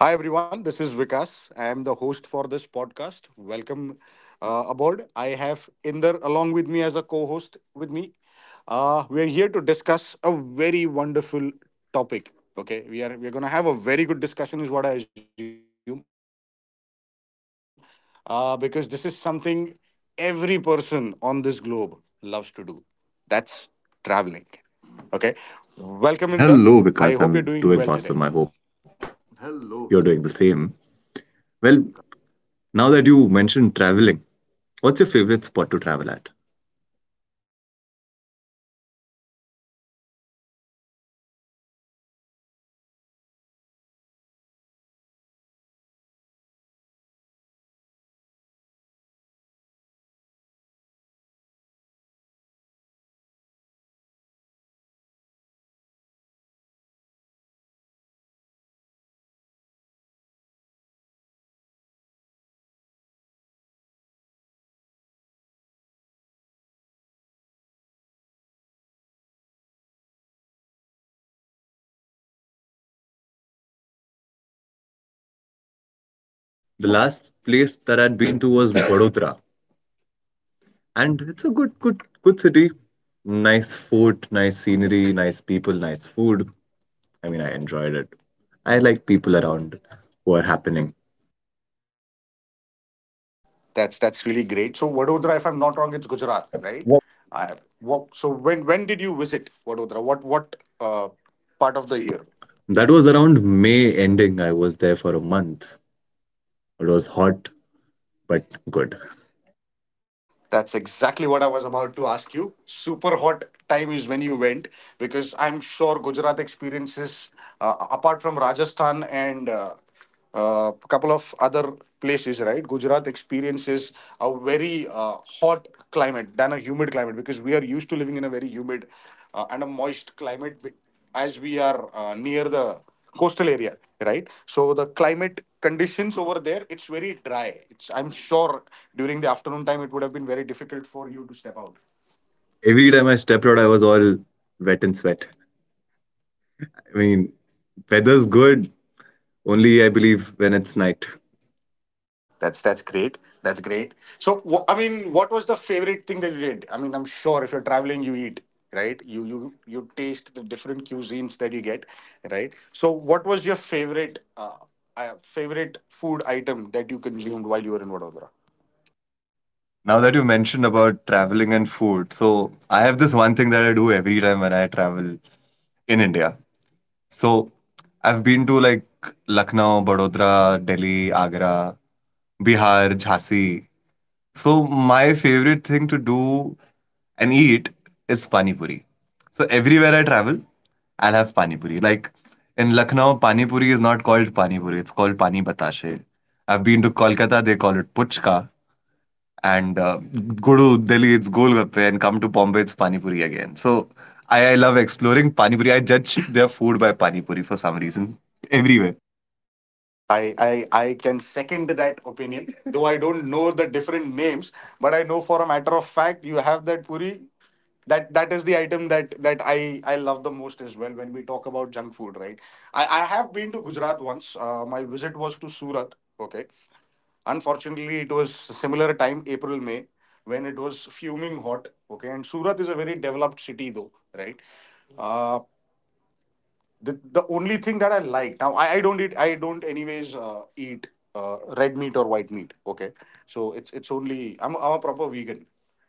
Hi, everyone. This is Vikas. I am the host for this podcast. Welcome aboard. I have Inder along with me as a co host with me. We are here to discuss a very wonderful topic. Okay, we're gonna have a very good discussion, is what I assume, because this is something every person on this globe loves to do. That's traveling. Okay, welcome Inder. I hope you're Hello, doing well Vikas. today. I'm doing awesome. I hope Hello, Vikas. you're doing the same. Well, now that you mentioned traveling, what's your favorite spot to travel at? Ah, that's a wonderful question, though. I have many places that I would want to visit, many places that I've been so far and want to visit again. So there's nothing as such as favorite place though, but I believe traveling is not only about exploring places; it's about have living that journey. Okay, when you live that journey, it's all about whatever you do in and out during that particular phase. Okay, so thank you very much for asking this question, Inder. I would want to understand, when was the last time you traveled out of Mumbai, or what was the last place that you visited? The last place that I'd been to was Vadodara, and it's a good city. Nice food, nice scenery, nice people, nice food. I mean, I enjoyed it. I like people around who are happening. That's really great. So Vadodara, if I'm not wrong, it's Gujarat, I- right? I, so when did you visit Vadodara? What part of the year? that was around May ending. I was there for a month. It was hot but good. That's exactly what I was about to ask you. Super hot time is when you went because I'm sure Gujarat experiences, apart from Rajasthan and a couple of other places, right? Gujarat experiences a very hot climate than a humid climate because we are used to living in a very humid and a moist climate, as we are near the coastal area, right? So the climate conditions over there, it's very dry. It's, I'm sure during the afternoon time it would have been very difficult for you to step out. Every time I stepped out, I was all wet and sweat. I mean, weather's good only, I believe, when it's night. That's great that's great. So I mean, what was the favorite thing that you did? I mean, I'm sure if you're traveling you eat, right? You taste the different cuisines that you get, right? So what was your favorite favorite food item that you consumed while you were in Vadodara? Now that you mentioned about traveling and food, so I have this one thing that I do every time when I travel in India. So I've been to like Lucknow, Vadodara, Delhi, Agra, Bihar, Jhansi. So my favorite thing to do and eat is pani puri. So everywhere I travel, I'll have pani puri. Like in Lucknow, pani puri is not called pani puri; it's called pani batashe. I've been to Kolkata; they call it puchka, and go to Delhi, it's Golgappe, and come to Bombay, it's Pani Puri again. So I love exploring Pani Puri. I judge their food by Pani Puri for some reason everywhere. I can second that opinion, though I don't know the different names, but I know for a matter of fact you have that puri. That is the item that I love the most as well when we talk about junk food, right? I have been to Gujarat once. My visit was to Surat. Okay, unfortunately it was similar time, April May, when it was fuming hot. Okay, and Surat is a very developed city though, right? Uh, the only thing that I like, now I don't eat, I don't anyways eat red meat or white meat, okay? So it's only, I'm a proper vegan.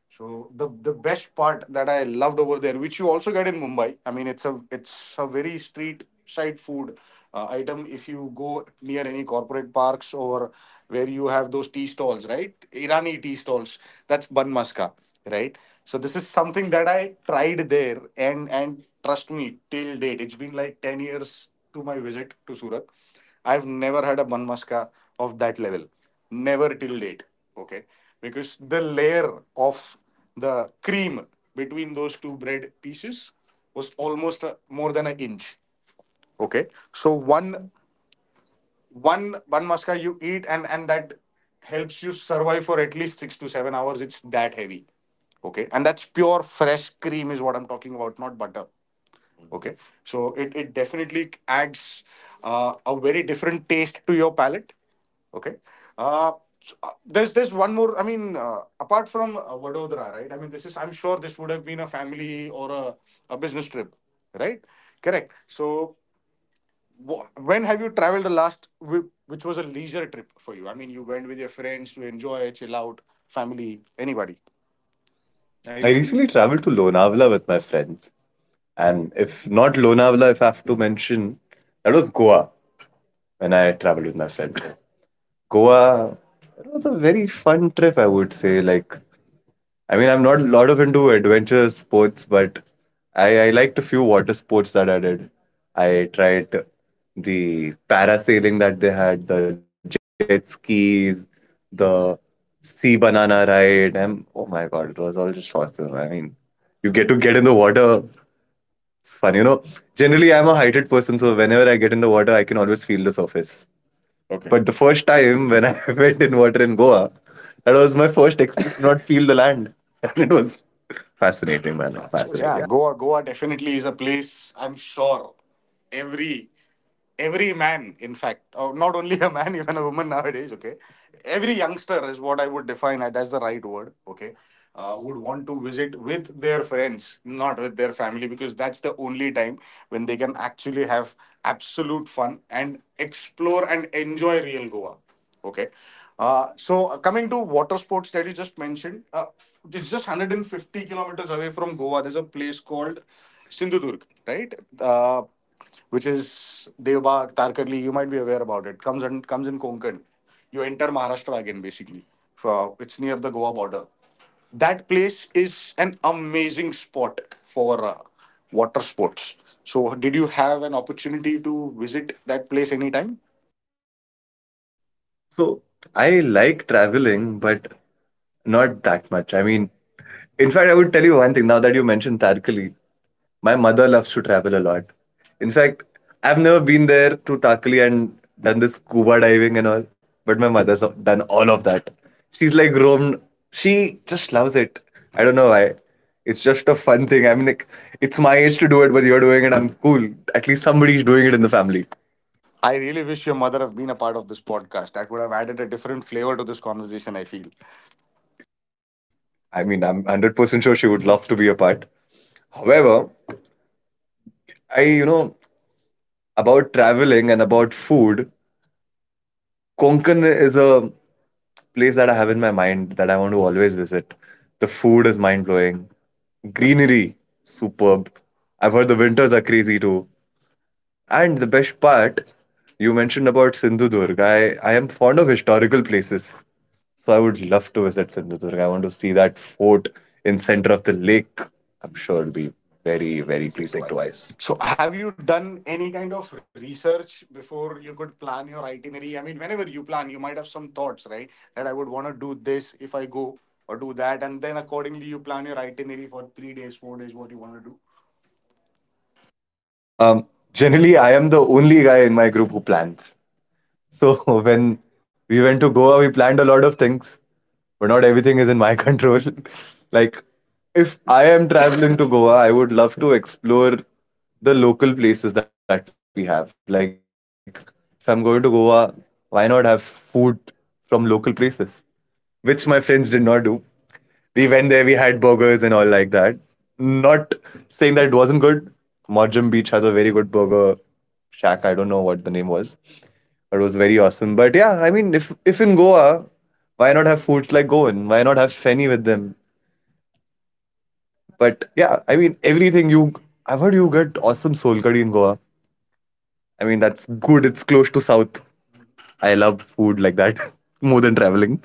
So the best part that I loved over there, which you also get in Mumbai, I mean it's a very street side food item. If you go near any corporate parks or where you have those tea stalls, right? Irani tea stalls. That's bun maska, right? So this is something that I tried there, and trust me, till date, it's been like 10 years to my visit to Surat. I've never had a bun maska of that level, never till date. Okay, because the layer of the cream between those two bread pieces was almost more than an inch. Okay, so one one maska you eat, and that helps you survive for at least 6 to 7 hours. It's that heavy. Okay, and that's pure fresh cream is what I'm talking about, not butter. Okay, so it definitely adds a very different taste to your palate. Okay. Uh, so, uh, there's there's one more. I mean, apart from Vadodara, right? I mean, this is, I'm sure this would have been a family or a business trip, right? Correct. So when have you traveled the last, which was a leisure trip for you? I mean, you went with your friends to enjoy, chill out, family, anybody? I recently traveled to Lonavala with my friends. And if not Lonavala, if I have to mention, that was Goa when I traveled with my friends. Goa, it was a very fun trip, I would say. Like I mean, I'm not a lot of into adventure sports, but I liked a few water sports that I did. I tried the parasailing that they had, the jet skis, the sea banana ride, and oh my god, it was all just awesome. I mean, you get to get in the water. It's fun, you know. Generally, I'm a heighted person, so whenever I get in the water, I can always feel the surface. Okay. But the first time when I went in water in Goa, that was my first experience to not feel the land. And it was fascinating, man. So yeah, Fascinating. Goa definitely is a place. I'm sure every every man, in fact, or not only a man, even a woman nowadays. Okay, every youngster is what I would define it as, the right word. Okay, would want to visit with their friends, not with their family, because that's the only time when they can actually have absolute fun and explore and enjoy real Goa. Okay. Coming to water sports that you just mentioned, it's just 150 kilometers away from Goa. There's a place called Sindhudurg, right? Uh, which is Devbagh, Tarkarli. You might be aware about it. Comes in Konkan. You enter Maharashtra again, basically. For, it's near the Goa border. That place is an amazing spot for water sports. So, did you have an opportunity to visit that place anytime? So I like traveling, but not that much. I mean, in fact, I would tell you one thing now that you mentioned Tarkali. My mother loves to travel a lot. In fact, I've never been there to Tarkali and done the scuba diving and all, but my mother's done all of that. She's like roamed. She just loves it. I don't know why. It's just a fun thing. I mean, like, it's my age to do it, but you're doing it. I'm cool. At least somebody's doing it in the family. I really wish your mother have been a part of this podcast. That would have added a different flavor to this conversation, I feel. I mean, I'm 100% sure she would love to be a part. However, I, you know, about traveling and about food, Konkan is a place that I have in my mind that I want to always visit. The food is mind blowing, greenery, superb. I've heard the winters are crazy too. And the best part, you mentioned about Sindhudurg. I am fond of historical places. So I would love to visit Sindhudurg. I want to see that fort in center of the lake. I'm sure it'll be very, very pleasing to eyes. So, have you done any kind of research before you could plan your itinerary? I mean, whenever you plan, you might have some thoughts, right? That I would want to do this if I go, or do that. And then accordingly, you plan your itinerary for 3 days, 4 days, what you want to do. Um, generally, I am the only guy in my group who plans. So when we went to Goa, we planned a lot of things, but not everything is in my control. Like if I am traveling to Goa, I would love to explore the local places that we have. Like if I'm going to Goa, why not have food from local places? Which my friends did not do. We went there, we had burgers and all like that. Not saying that it wasn't good. Morjam Beach has a very good burger shack. I don't know what the name was. It was very awesome. But yeah, I mean, if in Goa, why not have foods like Goan? Why not have feni with them? But yeah, I mean, everything you. I've heard you get awesome soul curry in Goa. I mean, that's good. It's close to South. I love food like that more than traveling.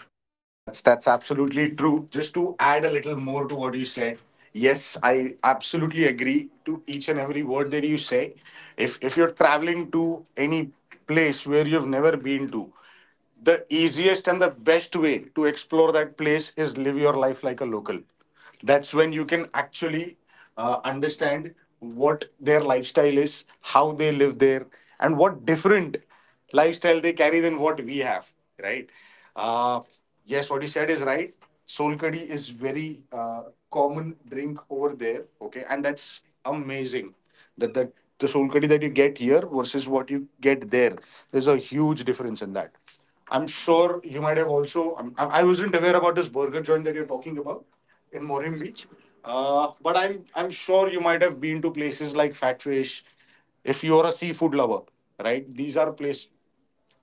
That's absolutely true. Just to add a little more to what you said, yes, I absolutely agree to each and every word that you say. If you're traveling to any place where you've never been to, the easiest and the best way to explore that place is live your life like a local. That's when you can actually understand what their lifestyle is, how they live there, and what different lifestyle they carry than what we have, right? Uh, yes, what you said is right. Solkadi is very common drink over there, okay, and that's amazing that that the solkadi that you get here versus what you get there. There's a huge difference in that. I'm sure you might have also. I wasn't aware about this burger joint that you're talking about in Morim Beach. But I'm sure you might have been to places like Fatfish, if you're a seafood lover, right? These are places.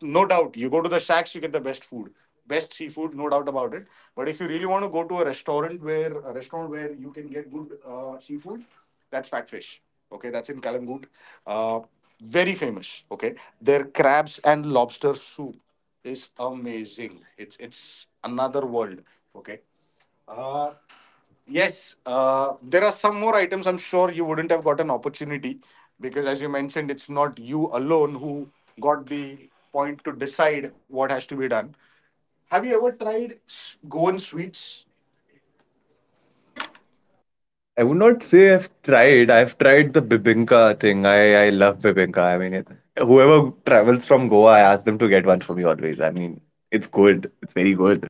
No doubt, you go to the shacks, you get the best food, best seafood, no doubt about it. But if you really want to go to a restaurant where you can get good seafood, that's Fatfish. Okay, that's in Kalangut. Uh, very famous. Okay, their crabs and lobster soup is amazing. It's another world. Okay. Uh, Yes, there are some more items I'm sure you wouldn't have got an opportunity, because, as you mentioned, it's not you alone who got the point to decide what has to be done. Have you ever tried Goan sweets? I would not say I've tried. I've tried the bibinka thing. I love bibinka. I mean, it, whoever travels from Goa, I ask them to get one for me always. I mean, it's good. It's very good.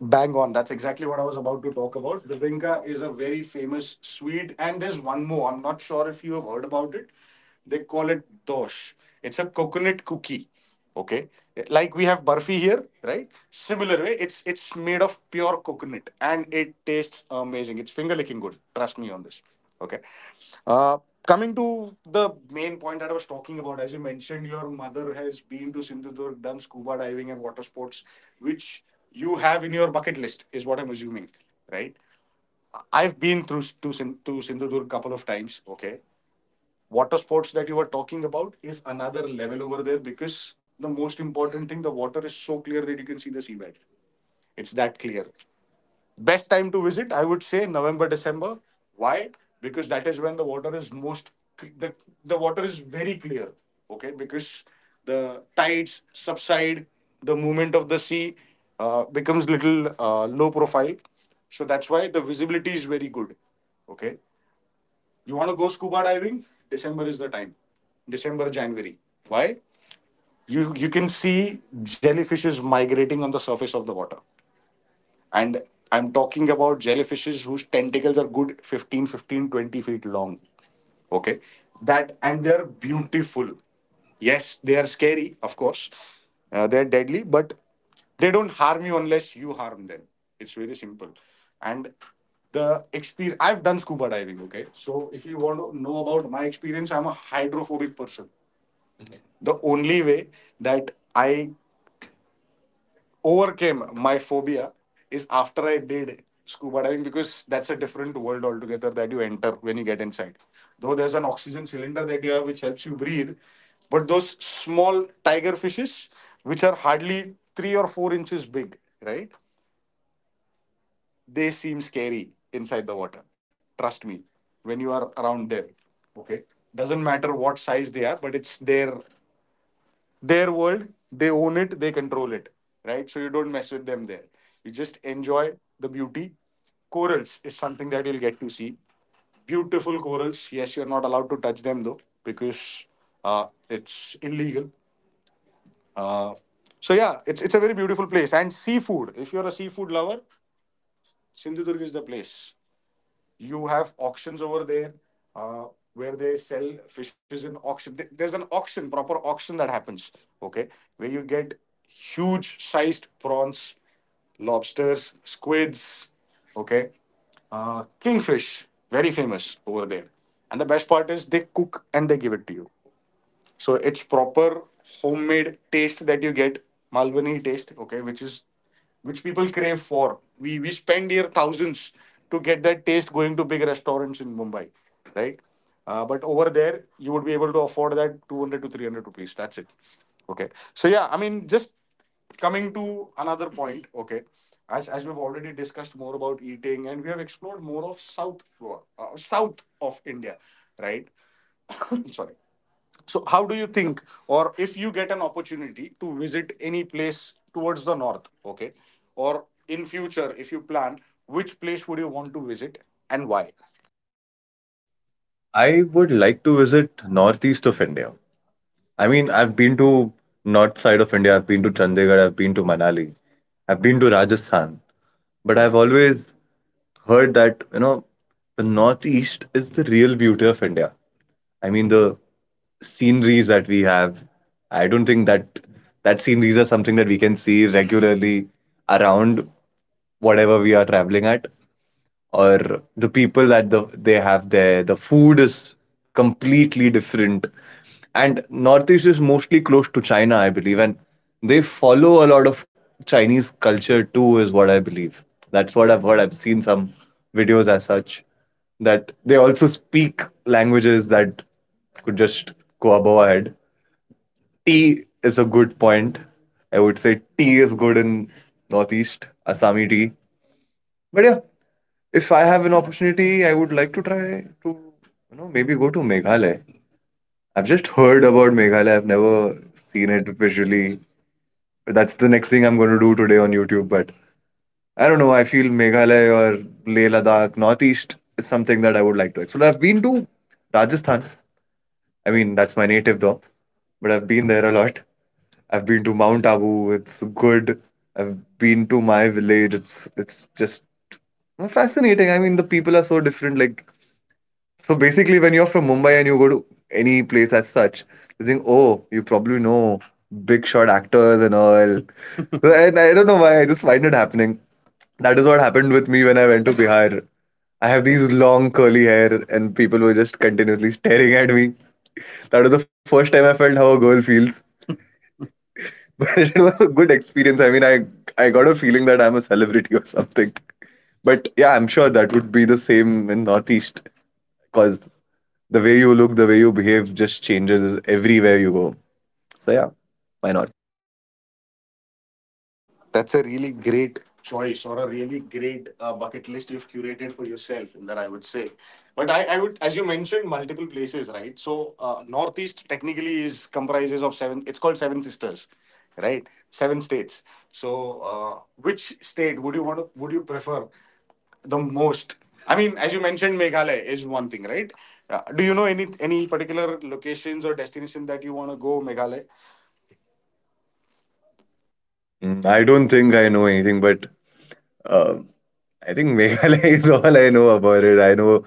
Bang on. That's exactly what I was about to talk about. The Vinca is a very famous sweet, and there's one more. I'm not sure if you have heard about it. They call it dosh. It's a coconut cookie. Okay, like we have barfi here, right? Similar way, it's made of pure coconut, and it tastes amazing. It's finger licking good. Trust me on this. Okay. Uh, Coming to the main point that I was talking about, as you mentioned, your mother has been to Sindhudurg, done scuba diving and water sports, which you have in your bucket list, is what I'm assuming, right? I've been through s- to, Sin- to Sindhudurg couple of times. Okay. Water sports that you were talking about is another level over there because the most important thing, the water is so clear that you can see the seabed. It's that clear. Best time to visit, I would say November, December. Why? Because that is when the water is most cl- the the water is very clear. Okay, because the tides subside, the movement of the sea becomes little low profile. So that's why the visibility is very good. Okay, you want to go scuba diving? December is the time. December, January. Why? You can see jellyfishes migrating on the surface of the water. And I'm talking about jellyfishes whose tentacles are good 15, 15, 20 feet long. Okay. That, and they're beautiful. Yes, they are scary, of course. They're deadly, but they don't harm you unless you harm them. It's very simple. And the experience, I've done scuba diving, okay? So if you want to know about my experience, I'm a hydrophobic person. The only way that I overcame my phobia is after I did scuba diving, because that's a different world altogether that you enter when you get inside. Though there's an oxygen cylinder that you have which helps you breathe, but those small tiger fishes, which are hardly 3 or 4 inches big, right? They seem scary inside the water. Trust me, when you are around them. Okay. Doesn't matter what size they are, but it's there, their world, they own it, they control it, right? So you don't mess with them there, you just enjoy the beauty. Corals is something that you'll get to see, beautiful corals. Yes, you're not allowed to touch them though, because it's illegal. uh, so yeah, it's a very beautiful place, and seafood, if you're a seafood lover, Sindhudurg is the place. You have auctions over there, uh, where they sell fishes in auction. There's an auction, proper auction that happens, okay, where you get huge sized prawns, lobsters, squids, okay, kingfish, very famous over there. And the best part is they cook and they give it to you. So it's proper homemade taste that you get, Malwani taste, okay, which is which people crave for. We spend here thousands to get that taste, going to big restaurants in Mumbai, right? But over there, you would be able to afford that 200 to 300 rupees. That's it. Okay. So yeah, I mean, just coming to another point, okay. As we've already discussed more about eating and we have explored more of South Goa, south of India, right? Sorry. So, how do you think, or if you get an opportunity to visit any place towards the north, okay, or in future, if you plan, which place would you want to visit and why? I would like to visit northeast of India. I mean, I've been to north side of India. I've been to Chandigarh. I've been to Manali. I've been to Rajasthan. But I've always heard that you know the northeast is the real beauty of India. I mean, the sceneries that we have. I don't think that sceneries are something that we can see regularly around whatever we are traveling at, or the people that the, they have there. The food is completely different, and northeast is mostly close to China, I believe. And they follow a lot of Chinese culture too is what I believe. That's what I've heard. I've seen some videos as such that they also speak languages that could just go above our head. Tea is a good point. I would say tea is good in northeast. Asami tea. But yeah, if I have an opportunity, I would like to try to, you know, maybe go to Meghalaya. I've just heard about Meghalaya. I've never seen it visually. That's the next thing I'm going to do today on YouTube. But I don't know. I feel Meghalaya or Leh Ladakh, Northeast is something that I would like to explore. I've been to Rajasthan. I mean, that's my native though, but I've been there a lot. I've been to Mount Abu. It's good. I've been to my village. It's just fascinating. I mean, the people are so different. Like so basically, when you're from Mumbai and you go to any place as such, you think, oh, you probably know big shot actors and all. So, and I don't know why, I just find it happening. That is what happened with me when I went to Bihar. I have these long curly hair, and people were just continuously staring at me. That was the first time I felt how a girl feels. But it was a good experience. I mean, I got a feeling that I'm a celebrity or something. But yeah, I'm sure that would be the same in Northeast because the way you look, the way you behave just changes everywhere you go. So yeah, why not? That's a really great choice, or a really great bucket list you've curated for yourself in that, I would say. But I would, as you mentioned, multiple places, right? So Northeast technically is comprises of seven. It's called Seven Sisters, right? Seven states. So which state would you want to? Would you prefer the most? I mean, as you mentioned, Meghalaya is one thing, right? Do you know any particular locations or destination that you want to go, Meghalaya? I don't think I know anything, but um I think Meghalaya is all I know about it. I know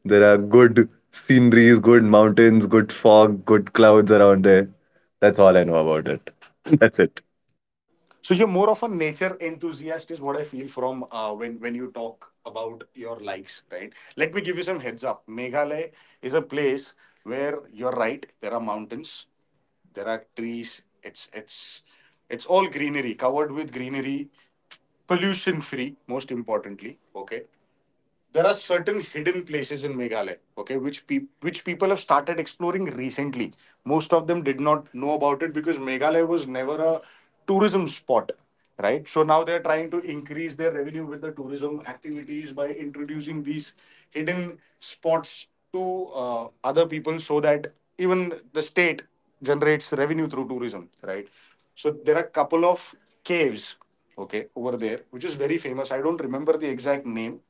there are good sceneries, good mountains, good fog, good clouds around there. That's all I know about it. That's it. So you're more of a nature enthusiast, is what I feel from when you talk about your likes, right? Let me give you some heads up. Meghalaya is a place where you're right. There are mountains, there are trees. It's all greenery, covered with greenery, pollution free, most importantly. Okay, there are certain hidden places in Meghalaya, okay, which which people have started exploring recently. Most of them did not know about it because Meghalaya was never a tourism spot, right? So now they're trying to increase their revenue with the tourism activities by introducing these hidden spots to other people, so that even the state generates revenue through tourism, right? So there are a couple of caves, okay, over there, which is very famous. I don't remember the exact name.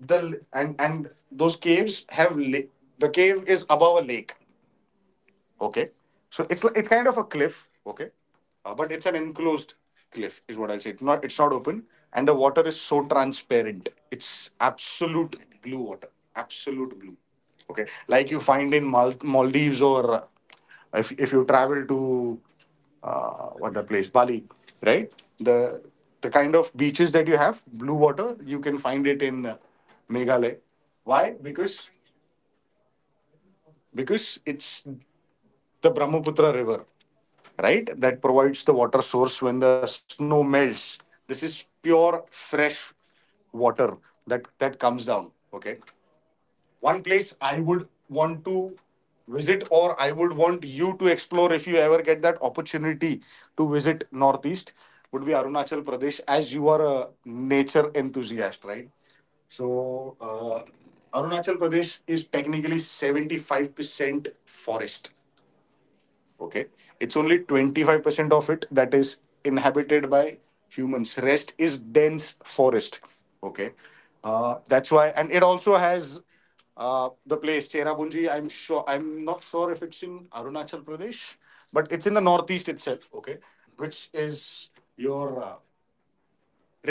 The and and those caves have the cave is above a lake. Okay. So it's kind of a cliff. Okay. But it's an enclosed cliff, is what I'll say. It's not open, and the water is so transparent. It's absolute blue water. Absolute blue. Okay. Like you find in Maldives, or if you travel to what that place, Bali, right? The the kind of beaches that you have, blue water, you can find it in Meghalaya. Why? Because it's the Brahmaputra River, right? That provides the water source when the snow melts. This is pure fresh water that comes down. Okay, one place I would want to visit, or I would want you to explore if you ever get that opportunity to visit Northeast, would be Arunachal Pradesh, as you are a nature enthusiast, right? So, Arunachal Pradesh is technically 75% forest, okay, it's only 25% of it that is inhabited by humans, rest is dense forest, okay, that's why. And it also has the place Cherabunji. I'm sure, I'm not sure if it's in Arunachal Pradesh, but it's in the Northeast itself, okay, which is your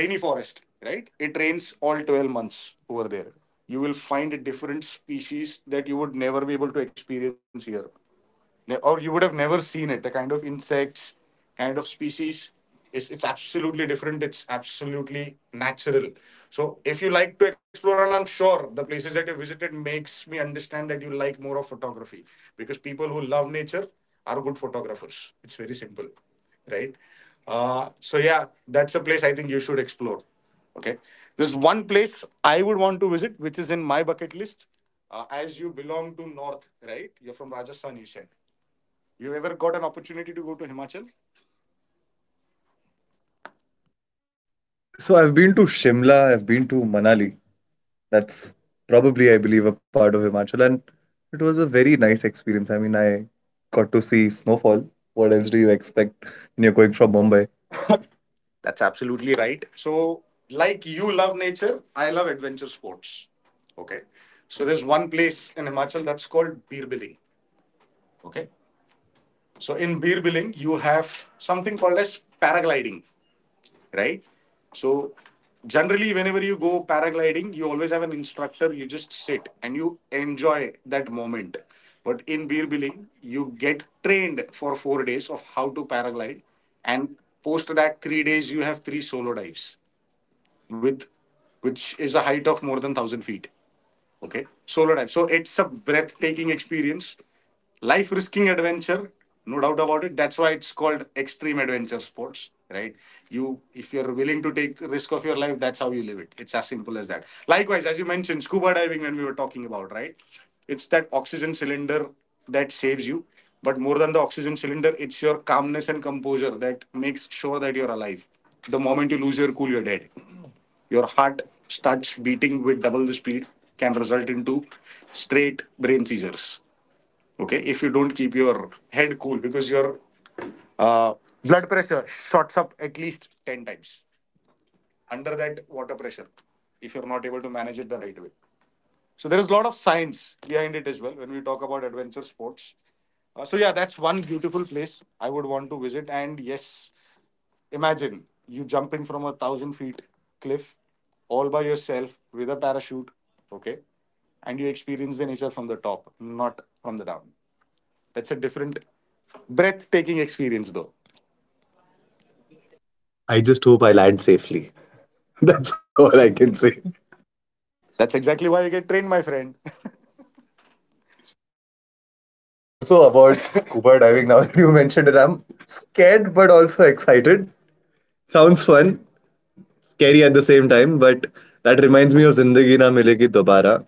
rainy forest, right? It rains all 12 months over there. You will find a different species that you would never be able to experience here. Or you would have never seen it. The kind of insects, kind of species, it's absolutely different. It's absolutely natural. So if you like to explore, and I'm sure the places that you visited makes me understand that you like more of photography, because people who love nature are good photographers. It's very simple, right? So yeah, that's a place I think you should explore. Okay, there's one place I would want to visit, which is in my bucket list. As you belong to North, right? You're from Rajasthan, you said. You ever got an opportunity to go to Himachal? So I've been to Shimla, I've been to Manali. That's probably, I believe, a part of Himachal. And it was a very nice experience. I mean, I got to see snowfall. What else do you expect when you're going from Mumbai? That's absolutely right. So, like you love nature, I love adventure sports. Okay. So, there's one place in Himachal that's called Birbiling. Okay. So, in Birbiling, you have something called as paragliding, right? So generally, whenever you go paragliding, you always have an instructor. You just sit and you enjoy that moment. But in beer billing, you get trained for 4 days of how to paraglide, and post that 3 days you have three solo dives with, which is a height of more than thousand feet. Okay, solo dive. So it's a breathtaking experience, life risking adventure, no doubt about it. That's why it's called extreme adventure sports, right? You, if you're willing to take risk of your life, that's how you live it. It's as simple as that. Likewise, as you mentioned, scuba diving when we were talking about, right? It's that oxygen cylinder that saves you, but more than the oxygen cylinder, it's your calmness and composure that makes sure that you're alive. The moment you lose your cool, you're dead. Your heart starts beating with double the speed, can result into straight brain seizures, okay, if you don't keep your head cool, because your uh, blood pressure shots up at least 10 times under that water pressure, if you're not able to manage it the right way. So there is a lot of science behind it as well, when we talk about adventure sports. So yeah, that's one beautiful place I would want to visit. And yes, imagine you jumping from a thousand feet cliff all by yourself with a parachute, okay? And you experience the nature from the top, not from the down. That's a different breathtaking experience, though. I just hope I land safely. That's all I can say. That's exactly why you get trained, my friend. I mean, also about scuba diving, now that you mentioned it, I'm scared but also excited. Sounds fun, scary at the same time, but that reminds me of Zindagi Na Milegi Dobara,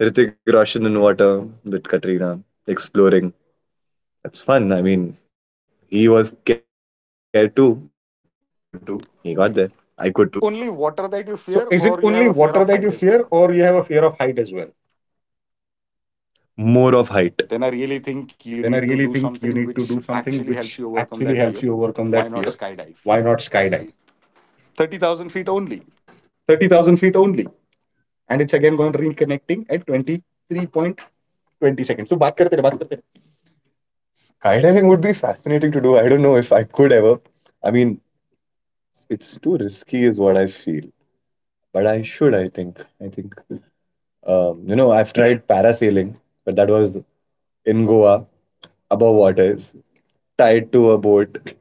Ritik Roshan in water with Katrina, exploring. That's fun. I mean, he was scared too. He got there. Good I too. could too. So, is it only water that you fear, or you have a fear of height as well? Then I really think you need to do something which actually helps you More overcome of that fear. height. Why not skydive? 30,000 feet only. Skydiving would be fascinating to do. I don't know if I could ever. I mean, it's too risky, is what I feel. But I should, I think. I think, you know, I've tried parasailing, but that was in Goa, above waters, tied to a boat.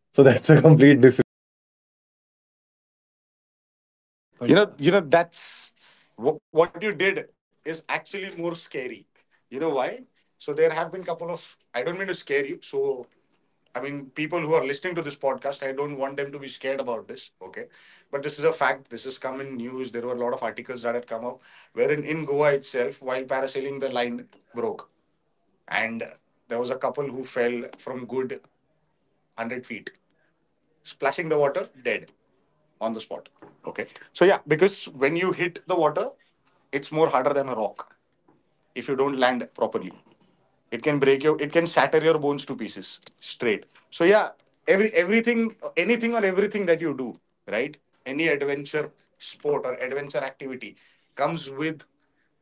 So that's a complete different thing if I have to talk about skydiving. But you know, you know But yeah, that's what you did is actually more scary. You know why? So there have been couple of, I don't mean to scare you. So I mean, people who are listening to this podcast, I don't want them to be scared about this. Okay, but this is a fact. This has come in news. There were a lot of articles that had come up, wherein in Goa itself, while parasailing, the line broke, and there was a couple who fell from good hundred feet, splashing the water, dead on the spot. Okay. So yeah, because when you hit the water, it's more harder than a rock if you don't land properly. It can break your, it can shatter your bones to pieces straight. So yeah, everything, anything or everything that you do, right? Any adventure sport or adventure activity comes with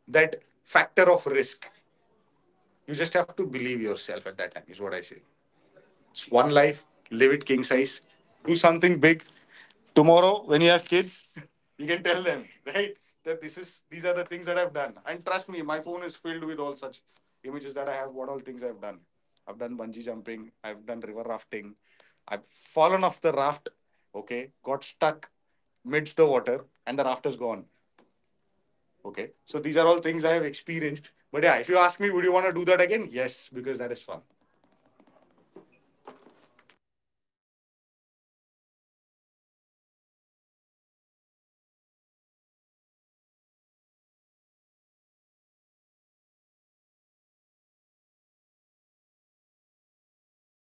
that factor of risk. You just have to believe yourself at that time. Is what I say. It's one life. Live it king size. Do something big. Tomorrow, when you have kids, you can tell them, right? That this is these are the things that I've done. And trust me, my phone is filled with all such images that I have, what all things I've done. I've done bungee jumping, I've done river rafting, I've fallen off the raft, okay, got stuck midst the water, and the raft is gone. Okay. So these are all things I have experienced. But yeah, if you ask me, would you want to do that again? Yes, because that is fun. now that you've mentioned all of these things, I do feel like yes, I might give it a try, though it sounds very scary. But now that you mentioned that I should have some stories in life,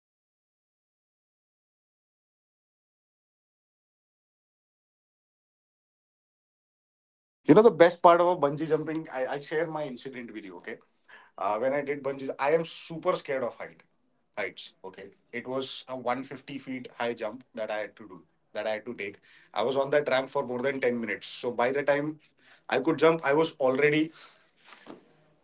I mean, why not? Maybe one day I'll have my gallery filled with all such stuff. You know the best part about bungee jumping? I'll share my incident with you, okay? When I did bungee, I am super scared of heights, okay? It was a 150 feet high jump that I had to do, that I had to take. I was on that ramp for more than 10 minutes. So by the time I could jump, I was already,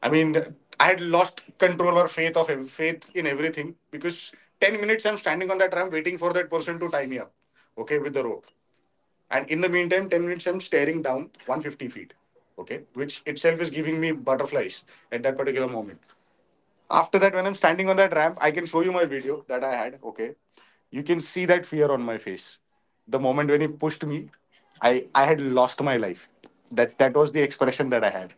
I mean, I had lost control or faith of faith in everything, because 10 minutes I'm standing on that ramp waiting for that person to tie me up, okay, with the rope. And in the meantime, 10 minutes I'm staring down 150 feet, okay, which itself is giving me butterflies at that particular moment. After that, when I'm standing on that ramp, I can show you my video that I had, okay. You can see that fear on my face. The moment when he pushed me, I had lost my life. That was the expression that I had.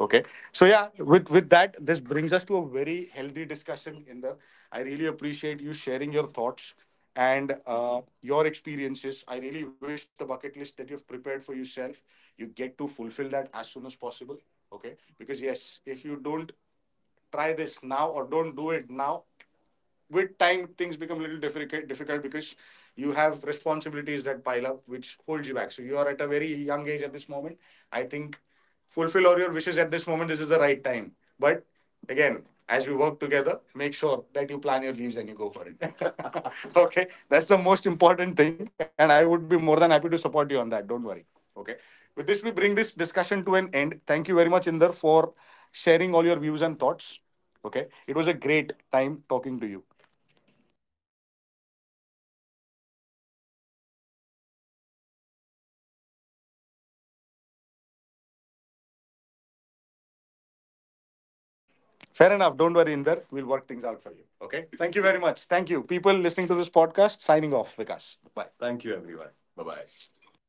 Okay. So yeah, with that, this brings us to a very healthy discussion, Inder. I really appreciate you sharing your thoughts and your experiences. I really wish the bucket list that you've prepared for yourself, you get to fulfill that as soon as possible. Okay. Because yes, if you don't try this now or don't do it now, with time things become a little difficult, because you have responsibilities that pile up, which holds you back. So you are at a very young age at this moment. I think fulfill all your wishes at this moment, this is the right time. But again, as we work together, make sure that you plan your leaves and you go for it. Okay, that's the most important thing, and I would be more than happy to support you on that, don't worry. Okay. With this, we bring But this this will bring. discussion to an end. Thank you very much, Inder, for sharing all your views and thoughts. Okay, it was a great time talking to you. Sure, I would say the same. And also, you mentioned about leaves. I hope I plan my leaves with you then, so that I don't have to worry about it. Fair enough. Don't worry, Inder. We'll work things out for you. Okay. Thank you very much. Thank you. People listening to this podcast, signing off, Vikas. Bye. Thank you, everyone. Thank you, Bye everyone. Bye bye. bye.